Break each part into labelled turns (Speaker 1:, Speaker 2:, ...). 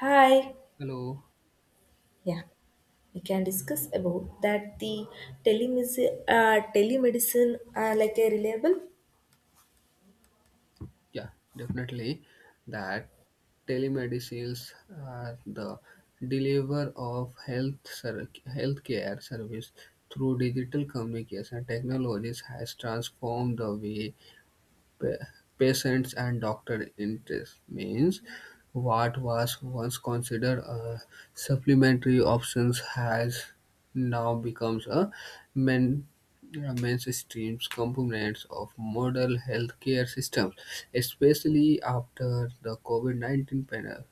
Speaker 1: Hi.
Speaker 2: Hello.
Speaker 1: Yeah, we can discuss about that the telemedicine, telemedicine are like a reliable.
Speaker 2: Yeah, definitely. That telemedicines are the deliver of healthcare service through digital communication technologies has transformed the way pa- patients and doctor interest means what was once considered a supplementary options has now becomes a main mainstream components of modern healthcare systems, especially after the COVID-19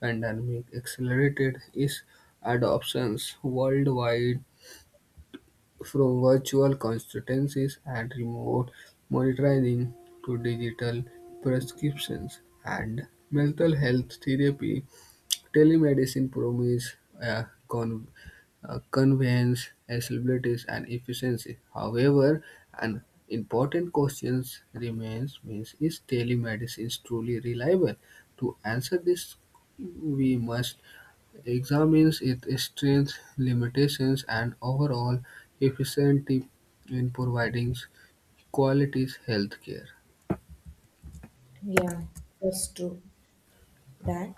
Speaker 2: pandemic accelerated its adoptions worldwide, from virtual consultancies and remote monitoring to digital prescriptions and mental health therapy. Telemedicine promises a convenience, accessibility, and efficiency. However, an important question remains: means is telemedicine truly reliable? To answer this, we must examines its strengths, limitations, and overall efficiency in providing quality health care.
Speaker 1: Yeah, that's true. That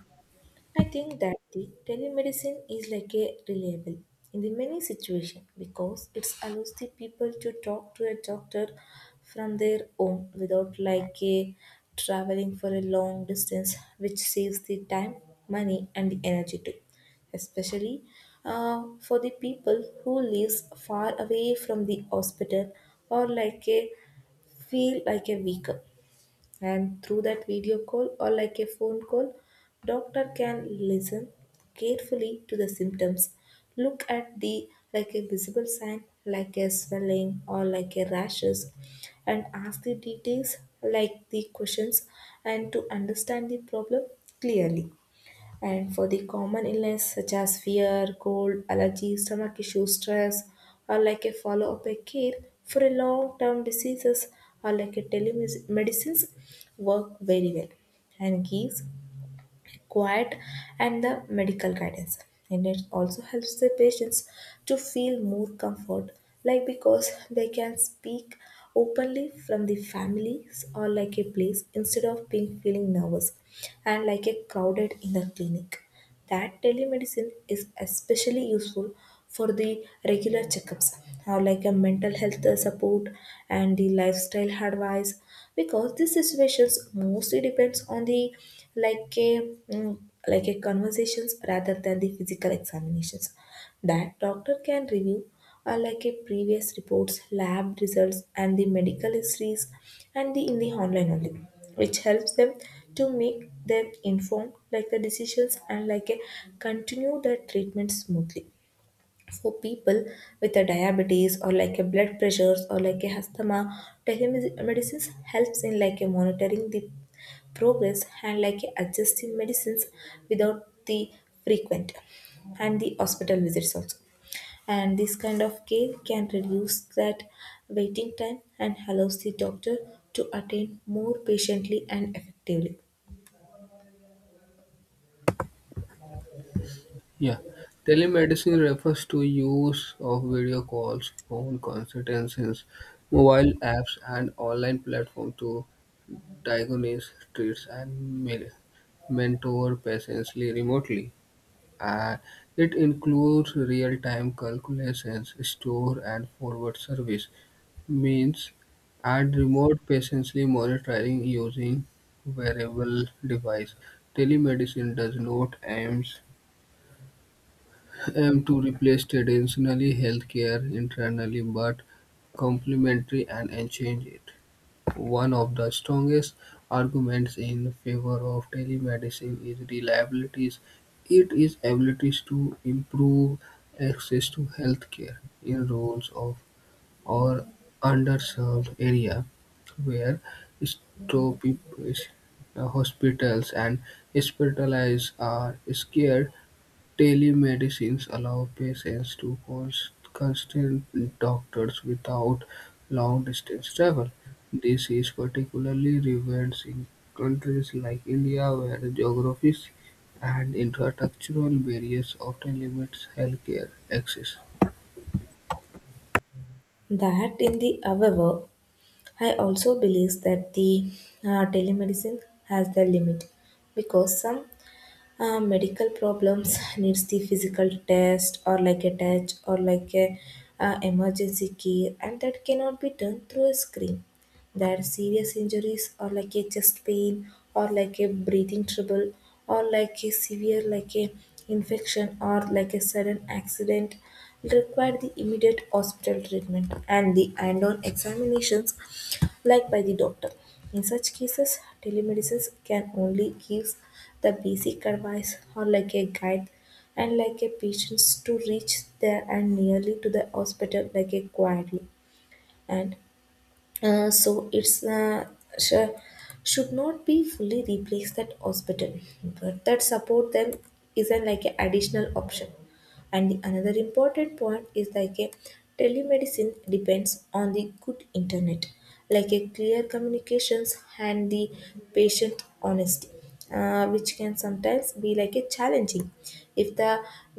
Speaker 1: I think that the telemedicine is like a reliable in the many situation because it allows the people to talk to a doctor from their home without like a traveling for a long distance, which saves the time, money, and the energy too. Especially for the people who lives far away from the hospital or like a feel like a weaker and through that video call or like a phone call, doctor can listen carefully to the symptoms. Look at the like a visible sign like a swelling or like a rashes and ask the details like the questions and to understand the problem clearly. And for the common illness such as fear, cold, allergy, stomach issues, stress, or like a follow-up a care for a long-term diseases or like a telemedicines work very well and gives quiet and the medical guidance. And it also helps the patients to feel more comfort, like because they can speak openly from the families or like a place instead of being feeling nervous and like a crowded in the clinic that telemedicine is especially useful for the regular checkups, how like a mental health support and the lifestyle advice, because these situations mostly depends on the like a mm, like a conversations rather than the physical examinations that doctor can review like a previous reports lab results and the medical histories and the in the online only which helps them to make them informed like the decisions and like a continue their treatment smoothly for people with a diabetes or like a blood pressures or like a asthma telemedicine helps in like a monitoring the progress and like adjusting medicines without the frequent and the hospital visits also. And this kind of care can reduce that waiting time and allows the doctor to attend more patiently and effectively.
Speaker 2: Yeah, telemedicine refers to use of video calls, phone consultations, mobile apps, and online platforms to diagnose, treat, and mentor patients remotely. Uh, it includes real-time calculations, store and forward service, means, and remote patiently monitoring using wearable device. Telemedicine does not aim to replace traditional healthcare internally, but complementary and enhance it. One of the strongest arguments in favor of telemedicine is reliability. It is abilities to improve access to healthcare in rural of or underserved area where stop hospitals and hospitalized are scarce. Telemedicines allow patients to consult doctors without long-distance travel. This is particularly relevant in countries like India, where geography and infrastructural barriers often limit healthcare access.
Speaker 1: That in the however I also believe that the telemedicine has the limit because some medical problems needs the physical test or like a touch or like a emergency care and that cannot be done through a screen. That serious injuries or like a chest pain or like a breathing trouble or like a severe like a infection or like a sudden accident require the immediate hospital treatment and the end-on examinations like by the doctor. In such cases telemedicine can only give the basic advice or like a guide and like a patients to reach there and nearly to the hospital like a quietly and uh, so it's uh, sh- should not be fully replace that hospital, but that support them isn't like an like, additional option. And the another important point is like a telemedicine depends on the good internet, like a clear communications and the patient honesty, which can sometimes be like a challenging if the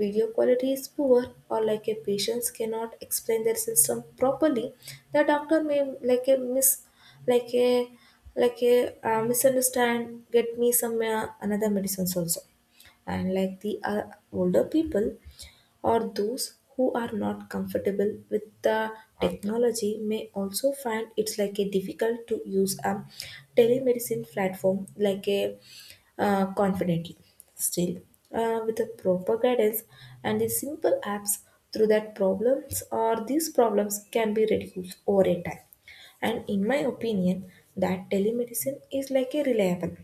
Speaker 1: video quality is poor or like a patients cannot explain their system properly. The doctor may like a miss like a like a misunderstand get me some another medicines also and like the older people or those who are not comfortable with the technology may also find it's like a difficult to use a telemedicine platform like a confidently. Still with the proper guidance and the simple apps through that problems or these problems can be reduced over a time. And in my opinion that telemedicine is like a reliable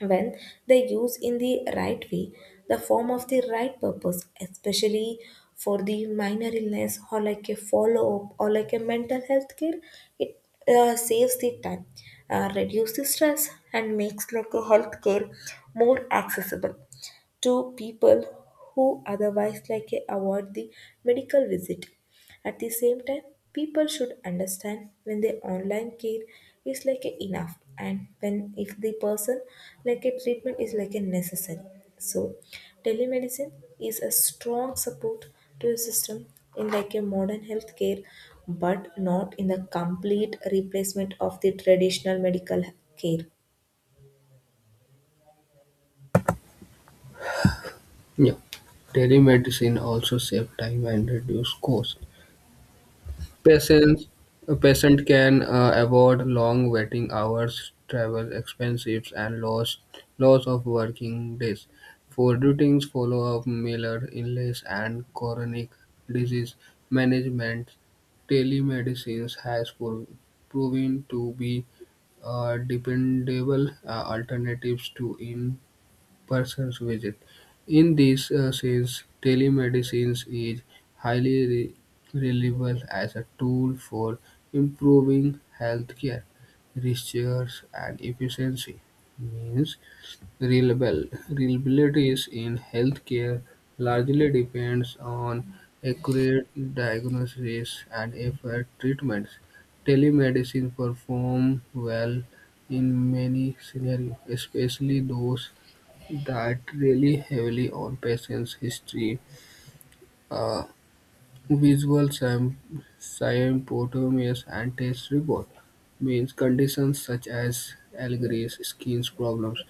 Speaker 1: when they use in the right way the form of the right purpose especially for the minor illness or like a follow-up or like a mental health care it saves the time, reduces the stress and makes like a health care more accessible to people who otherwise like eh, avoid the medical visit. At the same time, people should understand when the online care is like eh, enough and when if the person like a treatment is like a necessary. So telemedicine is a strong support to a system in like a modern healthcare but not in the complete replacement of the traditional medical care.
Speaker 2: Yeah. Telemedicine also saves time and reduces costs. Patients, a patient can avoid long waiting hours, travel expenses, and loss of working days. For routines, follow-up, Miller illness, and chronic disease management, telemedicine has proven to be dependable alternatives to person's visit. In this sense, telemedicine is highly reliable as a tool for improving healthcare, research, and efficiency. Means reliable reliabilities in healthcare largely depends on accurate diagnosis and effort treatments. Telemedicine perform well in many scenarios, especially those that really heavily on patients, history, uh, visual symptoms, and test report. Means conditions such as allergies, skin problems,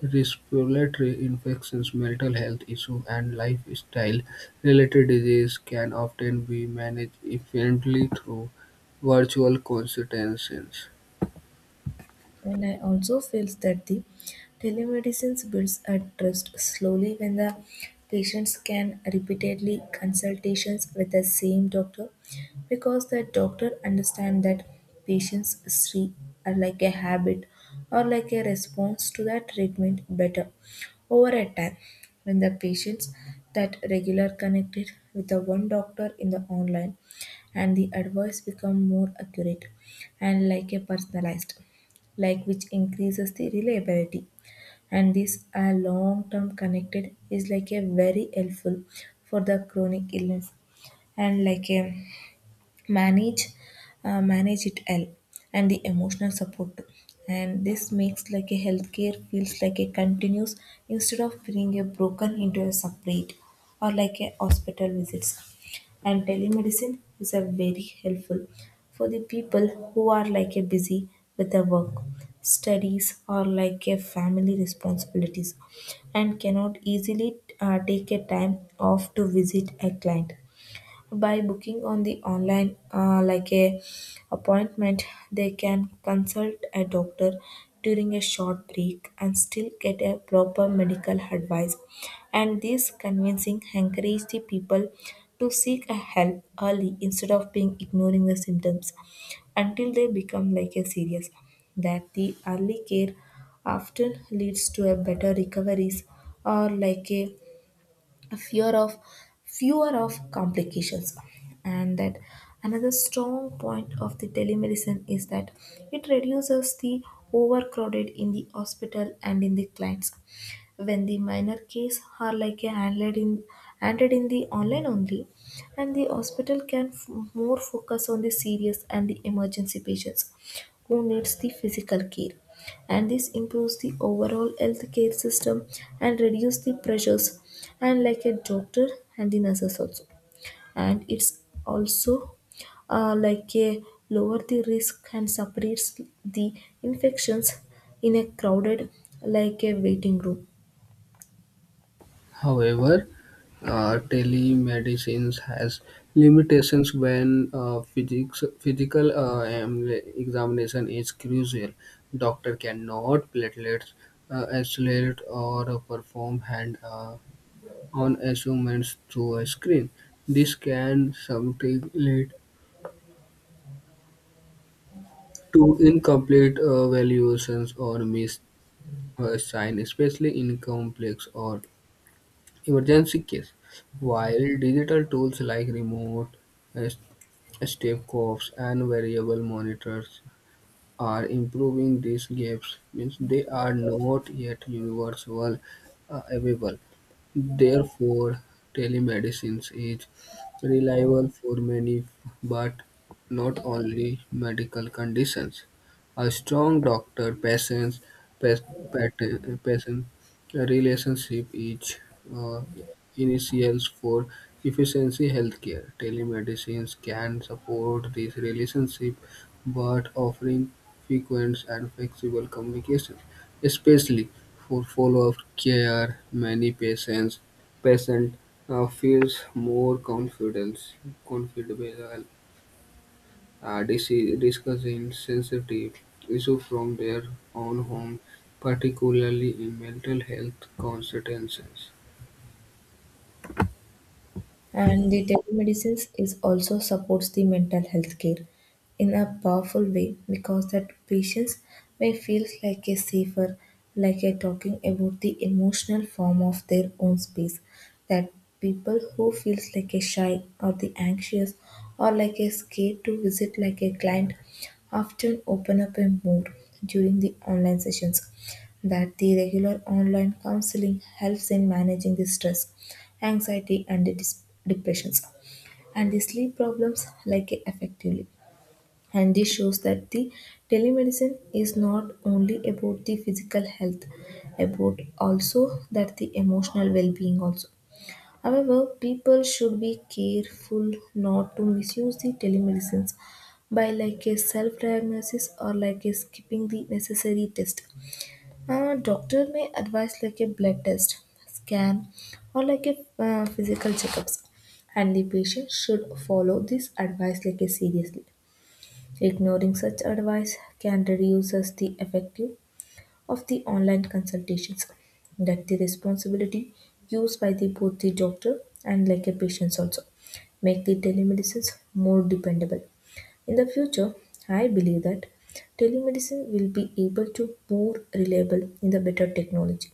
Speaker 2: respiratory infections, mental health issues, and lifestyle-related disease can often be managed efficiently through virtual consultations.
Speaker 1: And I also feel that the telemedicine builds a trust slowly when the patients can repeatedly consultations with the same doctor because the doctor understand that patients see are like a habit or like a response to that treatment better over a time when the patients that regular connected with the one doctor in the online and the advice become more accurate and like a personalized like which increases the reliability. And this are long term connected is like a very helpful for the chronic illness and like a manage manage it well and the emotional support too. And this makes like a healthcare feels like a continuous instead of being a broken into a separate or like a hospital visits. And telemedicine is a very helpful for the people who are like a busy with their work studies or like a family responsibilities and cannot easily take a time off to visit a client by booking on the online like a appointment, they can consult a doctor during a short break and still get a proper medical advice. And this convincing encourage the people to seek a help early instead of being ignoring the symptoms until they become like a serious. That the early care often leads to a better recoveries or like a fear of fewer of complications. And that another strong point of the telemedicine is that it reduces the overcrowded in the hospital and in the clinics when the minor case are like a handled in handled in the online only and the hospital can more focus on the serious and the emergency patients who needs the physical care. And this improves the overall healthcare system and reduce the pressures and like a doctor and the nurses also. And it's also like a lower the risk and separates the infections in a crowded like a waiting room.
Speaker 2: However, telemedicine has limitations when physical examination is crucial. Doctor cannot platelets isolate or perform hand on measurements through a screen. This can sometimes lead to incomplete valuations or missed sign, especially in complex or emergency case. While digital tools like remote uh, step and variable monitors are improving these gaps means they are not yet universal available. Therefore, telemedicine is reliable for many, but not only medical conditions. A strong doctor patient relationship is uh, initials for efficiency healthcare. Telemedicine can support this relationship, but offering frequent and flexible communication, especially for follow-up care. Many patient feels more confidence comfortable discussing sensitive issues from their own home, particularly in mental health consultations.
Speaker 1: And the telemedicine is also supports the mental health care in a powerful way because that patients may feel like a safer, like a talking about the emotional form of their own space. That people who feels like a shy or the anxious or like a scared to visit like a client often open up a mood during the online sessions. That the regular online counseling helps in managing the stress, anxiety, and the depressions and the sleep problems like effectively. And this shows that the telemedicine is not only about the physical health about also that the emotional well-being also. However, people should be careful not to misuse the telemedicines by like a self-diagnosis or like a skipping the necessary test. A doctor may advise like a blood test, scan, or like a physical checkups, and the patient should follow this advice like a seriously. Ignoring such advice can reduce us the effective of the online consultations that the responsibility used by the both the doctor and like a patients also make the telemedicines more dependable in the future. I believe that telemedicine will be able to more reliable in the better technology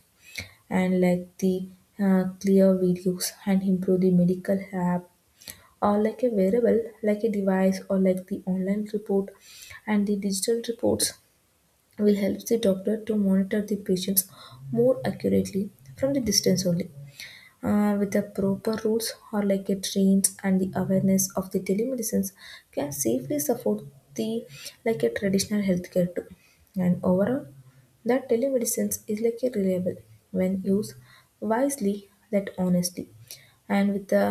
Speaker 1: and like the clear videos and improve the medical app or like a wearable like a device or like the online report and the digital reports will help the doctor to monitor the patients more accurately from the distance only. With the proper rules or like a trains and the awareness of the telemedicines can safely support the like a traditional healthcare too. And overall that telemedicines is like a reliable when used wisely that honestly and with the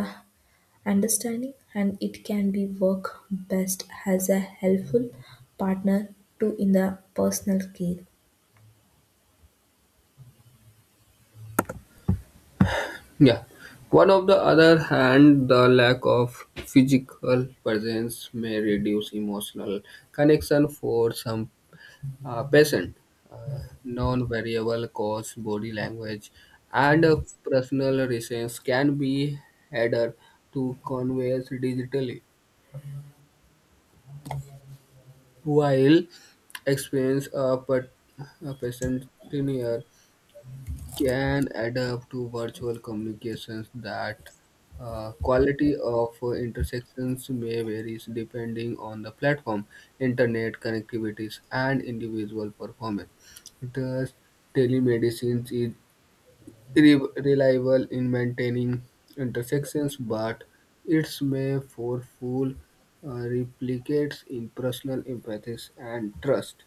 Speaker 1: understanding and it can be work best as a helpful partner to in the personal care.
Speaker 2: Yeah. One of the other hand, the lack of physical presence may reduce emotional connection for some patient. Non-variable cause, body language, and personal reasons can be added to conveys digitally. While experience a patient tenure can adapt to virtual communications that quality of intersections may vary depending on the platform, internet connectivities, and individual performance. Thus, telemedicine is reliable in maintaining intersections, but its may for full replicates in personal empathy and trust.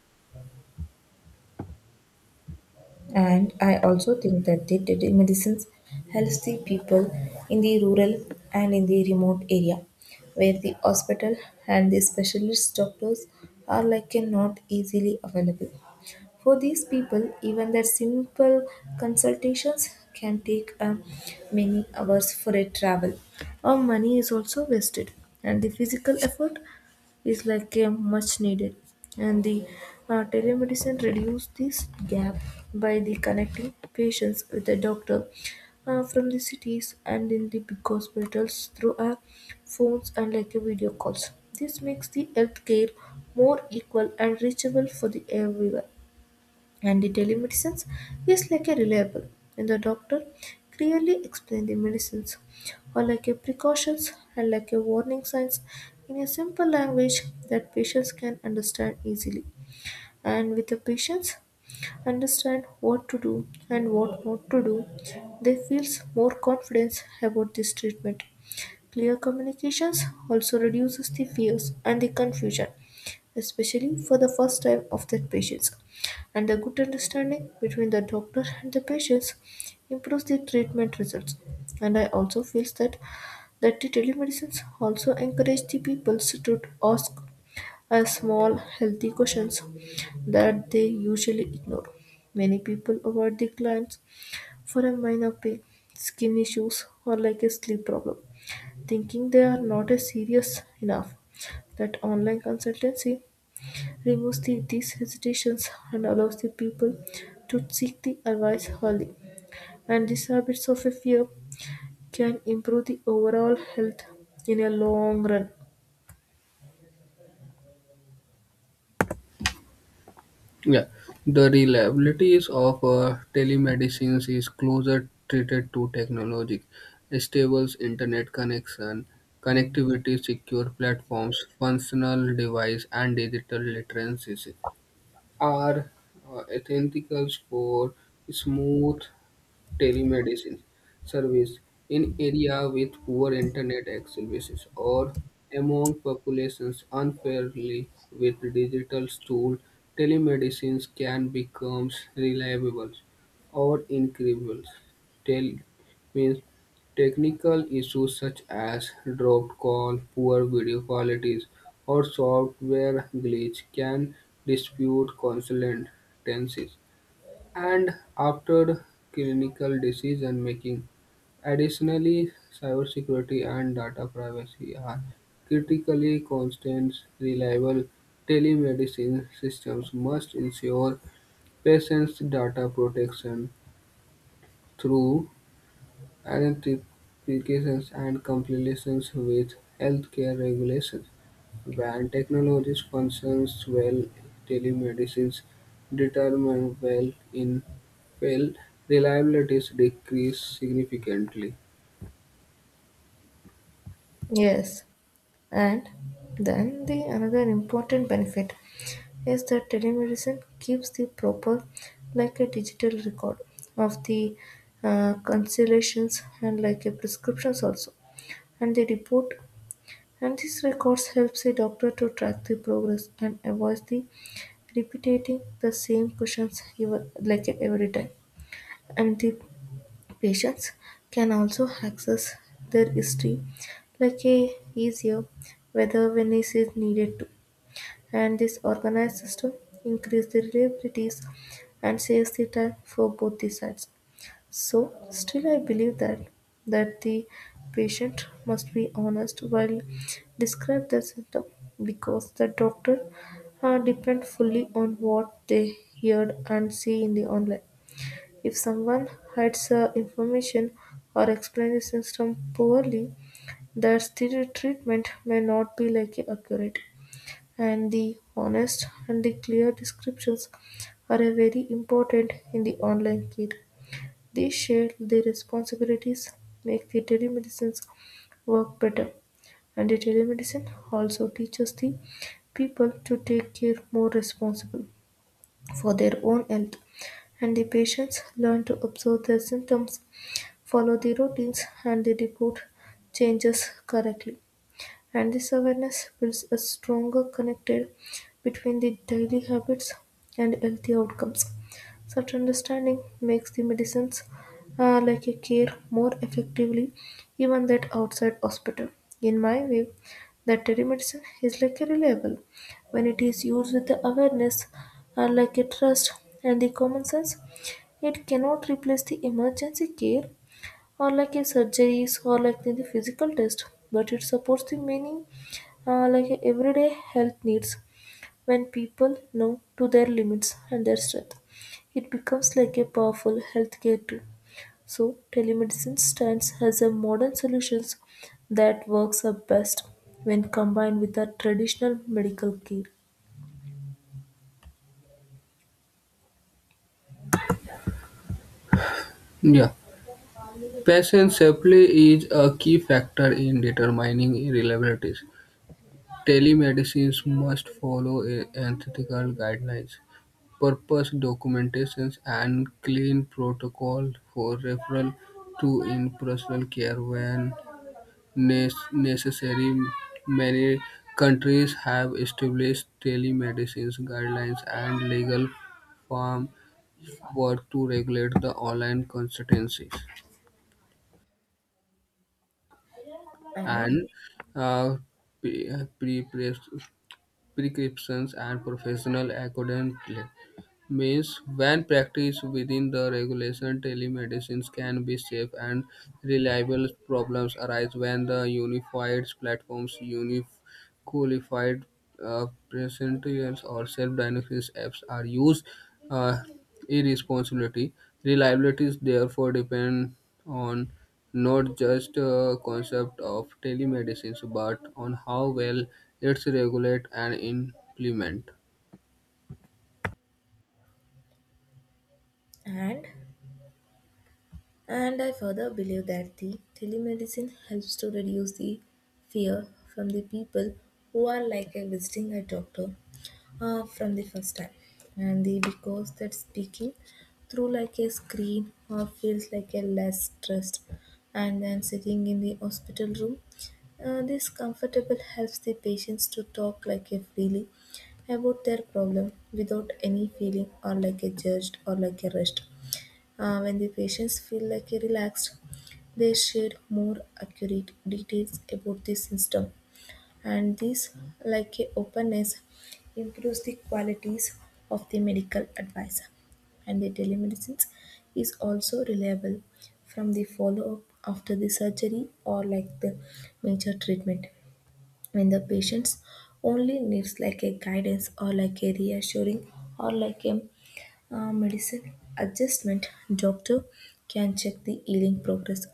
Speaker 1: And I also think that the medicines helps the people in the rural and in the remote area where the hospital and the specialist doctors are like a not easily available. For these people, even their simple consultations can take many hours for a travel. Our money is also wasted and the physical effort is like a much needed and the telemedicine reduce this gap by the connecting patients with the doctor from the cities and in the big hospitals through our phones and like a video calls. This makes the healthcare more equal and reachable for the everyone. And the telemedicines is like a reliable and the doctor clearly explain the medicines or like a precautions and like a warning signs in a simple language that patients can understand easily. And with the patients understand what to do and what not to do they feels more confidence about this treatment. Clear communications also reduces the fears and the confusion, especially for the first time of the patients. And the good understanding between the doctor and the patients improves the treatment results. And I also feel that the telemedicines also encourage the people to ask a small healthy questions that they usually ignore. Many people avoid the clients for a minor pain, skin issues, or like a sleep problem. Thinking they are not as serious enough, that online consultancy removes these hesitations and allows the people to seek the advice early. And these habits of a fear can improve the overall health in a long run.
Speaker 2: Yeah, the reliabilities of telemedicine is closer treated to technology, stable internet connectivity, secure platforms, functional device, and digital literacy are essentials for smooth telemedicine service in area with poor internet access or among populations unfairly with digital tools. Telemedicine can become reliable or incredible. Tel means technical issues such as dropped call, poor video qualities, or software glitch can dispute consultancies and after clinical decision making. Additionally, cybersecurity and data privacy are critically constant. Reliable telemedicine systems must ensure patients' data protection through identifications and compliance with healthcare regulations. When technology functions well, telemedicine determine well in well reliability decrease significantly.
Speaker 1: Yes, and then the another important benefit is that telemedicine keeps the proper, like a digital record of the consultations and like a prescriptions also. And the report and these records helps the doctor to track the progress and avoid the repeating the same questions like every time, and the patients can also access their history like a easier whether when is it is needed to, and this organized system increase the reliabilities and saves the time for both the sides. So, still, I believe that the patient must be honest while describe their symptom, because the doctor depend fully on what they heard and see in the online. If someone hides information or explains the symptom poorly, their treatment may not be like accurate. And the honest and the clear descriptions are very important in the online care. They share their responsibilities, make the telemedicine's work better, and the telemedicine also teaches the people to take care more responsible for their own health, and the patients learn to observe their symptoms, follow the routines, and they report changes correctly. And this awareness builds a stronger connected between the daily habits and healthy outcomes. Such understanding makes the medicines like a care more effectively even that outside hospital. In my view, that telemedicine is like a reliable when it is used with the awareness, like a trust and the common sense. It cannot replace the emergency care or like a surgeries or like the physical test, but it supports the many like a everyday health needs. When people know to their limits and their strength it becomes like a powerful healthcare tool, so telemedicine stands as a modern solution that works the best when combined with the traditional medical care.
Speaker 2: Yeah, patient safety is a key factor in determining reliability. Telemedicine must follow ethical guidelines, purpose documentations, and clean protocol for referral to in-person care when Nes necessary. Many countries have established telemedicine guidelines and legal framework to regulate the online consultancies
Speaker 1: And
Speaker 2: and uh, pre- pre- prescriptions and professional accountability. Means when practiced within the regulation, telemedicine can be safe and reliable. Problems arise when the unified platforms, unified uh, presentials or self-diagnosis apps are used uh, irresponsibly. Reliability is therefore depend on not just concept of telemedicine but on how well it's regulated and implemented.
Speaker 1: and and I further believe that the telemedicine helps to reduce the fear from the people who are like a visiting a doctor from the first time, and the because that speaking through like a screen or feels like a less stressed and then sitting in the hospital room, this comfortable helps the patients to talk like a freely about their problem without any feeling or like a judged or like a rushed. When the patients feel like a relaxed they share more accurate details about the system, and this, like a openness, improves the qualities of the medical advisor. And the telemedicine is also reliable from the follow-up after the surgery or like the major treatment, when the patients only needs like a guidance or like a reassuring or like a medicine adjustment, doctor can check the healing progress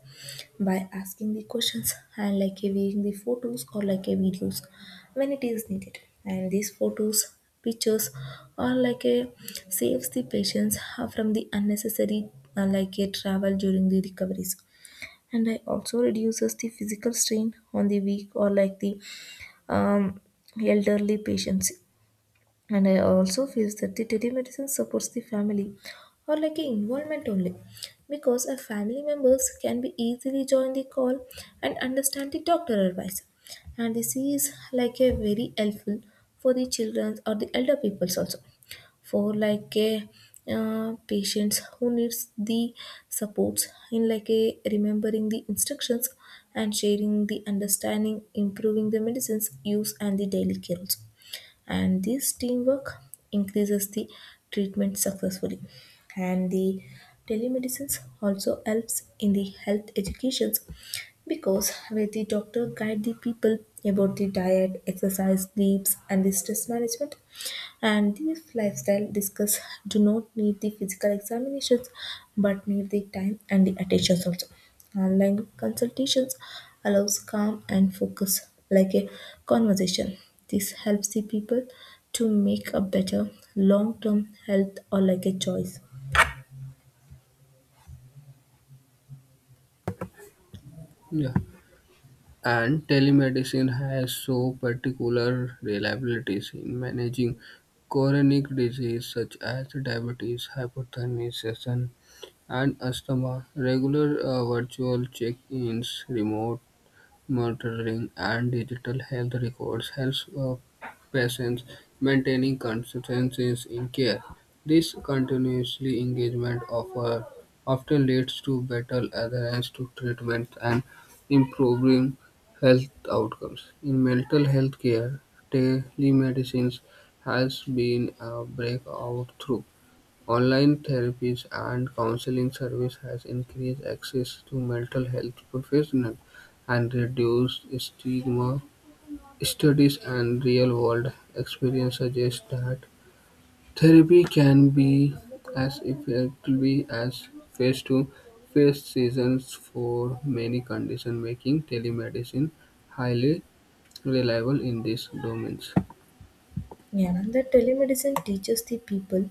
Speaker 1: by asking the questions and like viewing the photos or like a videos when it is needed. And these photos, pictures, or like a saves the patients from the unnecessary like a travel during the recoveries. And I also reduces the physical strain on the weak or like the um, elderly patients, and I also feels that the telemedicine supports the family or like a involvement only, because our family members can be easily join the call and understand the doctor advice, and this is like a very helpful for the children or the elder peoples also, for like a patients who needs the supports in like a remembering the instructions, and sharing the understanding improving the medicines use and the daily care also. And this teamwork increases the treatment successfully, and the telemedicine also helps in the health educations, because where the doctor guide the people about the diet exercise sleeps and the stress management. And these lifestyle discuss do not need the physical examinations but need the time and the attentions also. Online consultations allows calm and focus like a conversation. This helps the people to make a better long-term health or like a choice.
Speaker 2: Yeah. And telemedicine has so particular reliabilities in managing chronic disease such as diabetes, hypertension, and asthma. Regular virtual check-ins, remote monitoring, and digital health records helps patients maintaining consistency in care. This continuously engagement offer often leads to better adherence to treatment and improving health outcomes. In mental health care, telemedicine has been a breakthrough. Online therapies and counseling service has increased access to mental health professionals and reduced stigma. Studies and real-world experience suggest that therapy can be as effective as face-to-face sessions for many conditions, making telemedicine highly reliable in these domains.
Speaker 1: Yeah, the telemedicine teaches the people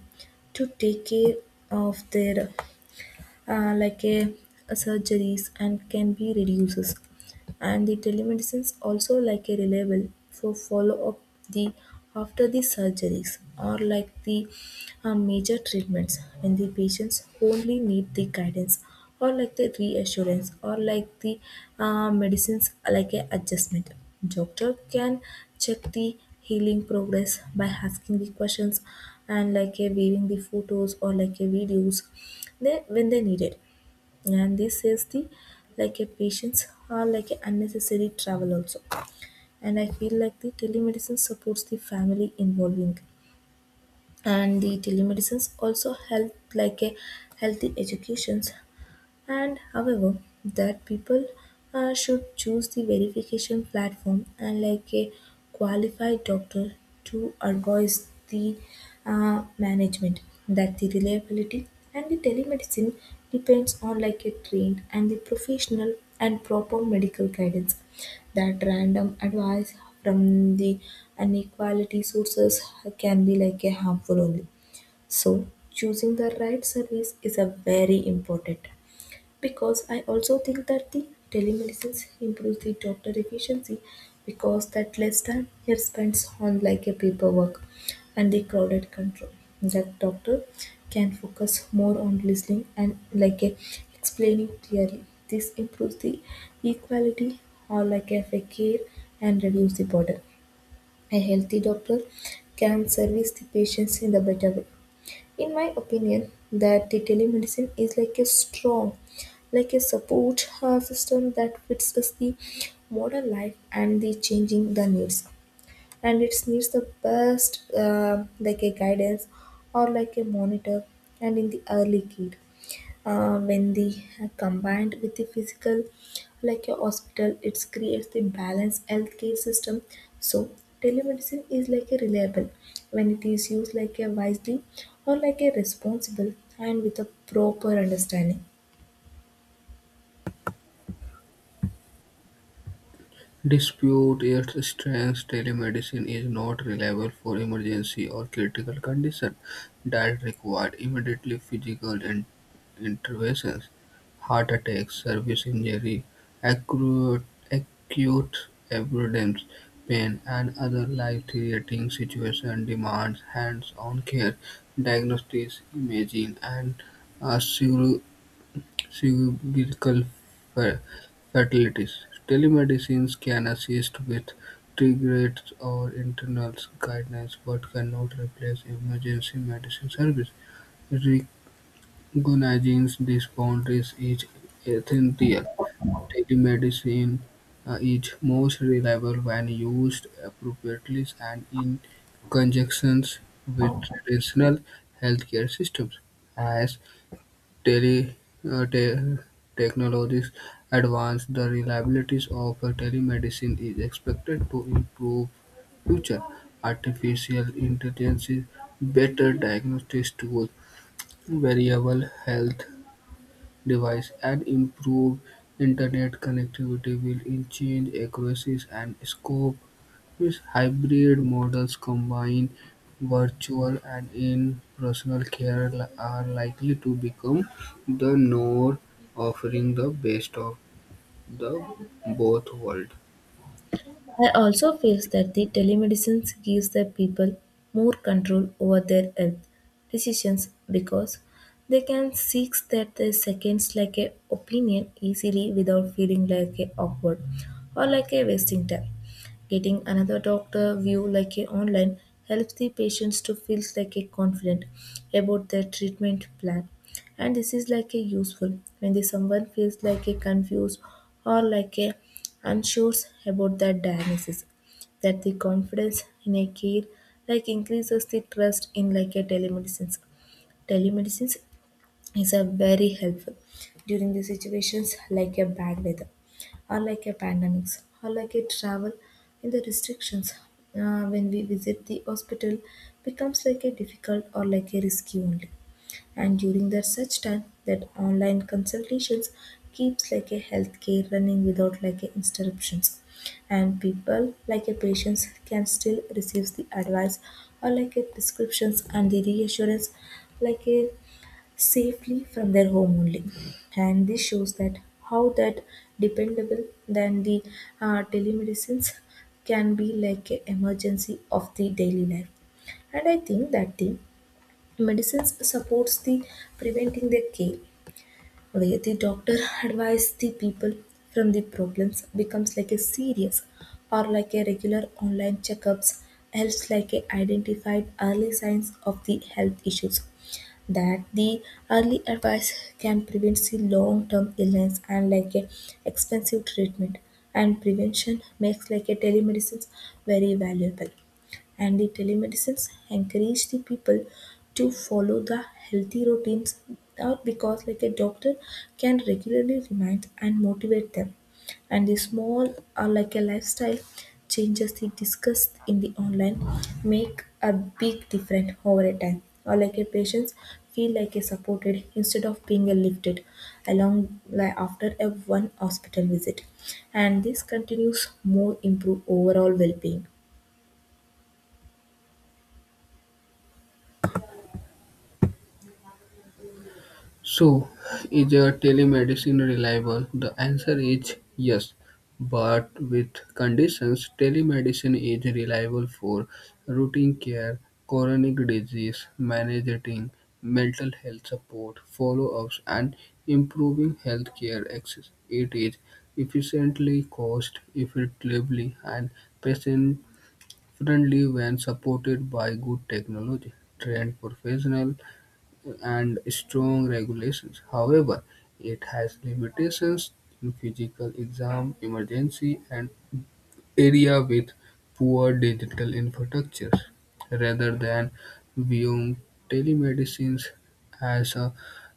Speaker 1: to take care of their like a surgeries and can be reduces, and the telemedicine is also like a reliable for follow up the after the surgeries or like the major treatments, when the patients only need the guidance or like the reassurance or like the medicines like a adjustment, doctor can check the healing progress by asking the questions and like a viewing the photos or like a videos they when they need it. And this saves the like a patients or like a unnecessary travel also, and I feel like the telemedicine supports the family involving, and the telemedicines also help like a healthy educations. And however that people should choose the verification platform and like a qualified doctor to advise the management, that the reliability and the telemedicine depends on like a trained and the professional and proper medical guidance. That random advice from the inequality sources can be like a harmful only, so choosing the right service is a very important, because I also think that the telemedicine improves the doctor efficiency, because that less time here spends on like a paperwork and the crowded control. That doctor can focus more on listening and like a explaining clearly. This improves the equality or like a fair care and reduce the burden. A healthy doctor can service the patients in the better way. In my opinion that the telemedicine is like a strong like a support system that fits us the modern life and the changing the needs, and it needs the best like a guidance or like a monitor, and in the early kid, when they are combined with the physical like a hospital it creates the balanced healthcare system. So telemedicine is like a reliable when it is used like a wisely or like a responsible and with a proper understanding.
Speaker 2: Despite its strength, telemedicine is not reliable for emergency or critical conditions that require immediate physical intervention. Heart attacks, service injury, acute abdominal pain, and other life-threatening situations demands hands-on care, diagnostics, imaging, and uh, sur- surgical fa- fatalities. Telemedicine can assist with triage or internal guidance, but cannot replace emergency medicine service. Recognizing these boundaries is essential. Telemedicine is most reliable when used appropriately and in conjunction with traditional healthcare systems. As Tele uh, te- technologies advance, the reliabilities of telemedicine is expected to improve future. Artificial intelligence, better diagnostics tools, variable health device, and improved internet connectivity will change accuracies and scope. His hybrid models combine virtual and in-person care are likely to become the norm, offering the best of the both worlds.
Speaker 1: I also feel that the telemedicine gives the people more control over their health decisions, because they can seek that the seconds like a opinion easily without feeling like a awkward or like a wasting time. Getting another doctor view like a online helps the patients to feel like a confident about their treatment plan, and this is like a useful when the someone feels like a confused or like a unsure about that diagnosis, that the confidence in a care like increases the trust in like a telemedicine is a very helpful during the situations like a bad weather or like a pandemics or like a travel in the restrictions, when we visit the hospital becomes like a difficult or like a risky only. And during the such time that online consultations keeps like a healthcare running without like a interruptions, and people like a patients can still receive the advice or like a prescriptions and the reassurance like a safely from their home only. And this shows that how that dependable than the telemedicines can be like a emergency of the daily life. And I think that the medicines supports the preventing the care, where the doctor advises the people from the problems becomes like a serious, or like a regular online checkups helps like a identified early signs of the health issues. That the early advice can prevent the long-term illness and like a expensive treatment, and prevention makes like a telemedicine very valuable. And the telemedicines encourage the people to follow the healthy routines out, because like a doctor can regularly remind and motivate them, and the small or like a lifestyle changes they discussed in the online make a big difference over a time, or like a patients feel like a supported instead of being a lifted along like after a one hospital visit, and this continues more improve overall well-being.
Speaker 2: So, is your telemedicine reliable? The answer is yes, but with conditions. Telemedicine is reliable for routine care, chronic disease managing, mental health support, follow-ups, and improving healthcare access. It is efficiently cost effectively and patient friendly when supported by good technology, trained professional and strong regulations. However, it has limitations in physical exam, emergency, and area with poor digital infrastructures. Rather than viewing telemedicine as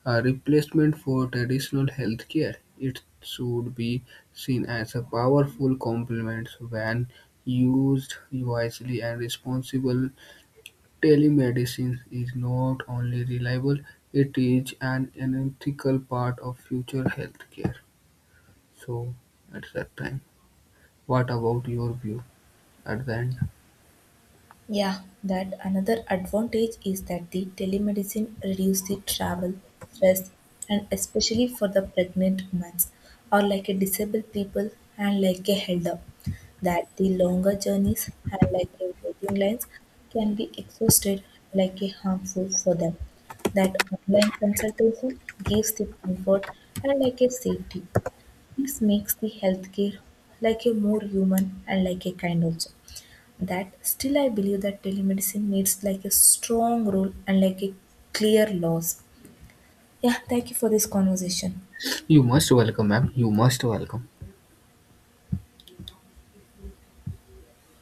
Speaker 2: a replacement for traditional healthcare, it should be seen as a powerful complement when used wisely and responsible. Telemedicine is not only reliable, it is an integral part of future healthcare. So at that time, what about your view at the end?
Speaker 1: Yeah, that another advantage is that the telemedicine reduces the travel, stress, and especially for the pregnant women or like a disabled people and like a elder, that the longer journeys and like a waiting lines can be exhausted like a harmful for them. That online consultation gives the comfort and like a safety. This makes the healthcare like a more human and like a kind also. That still I believe that telemedicine needs like a strong rule and like a clear laws. Yeah, thank you for this conversation.
Speaker 2: You must welcome, ma'am. You must welcome.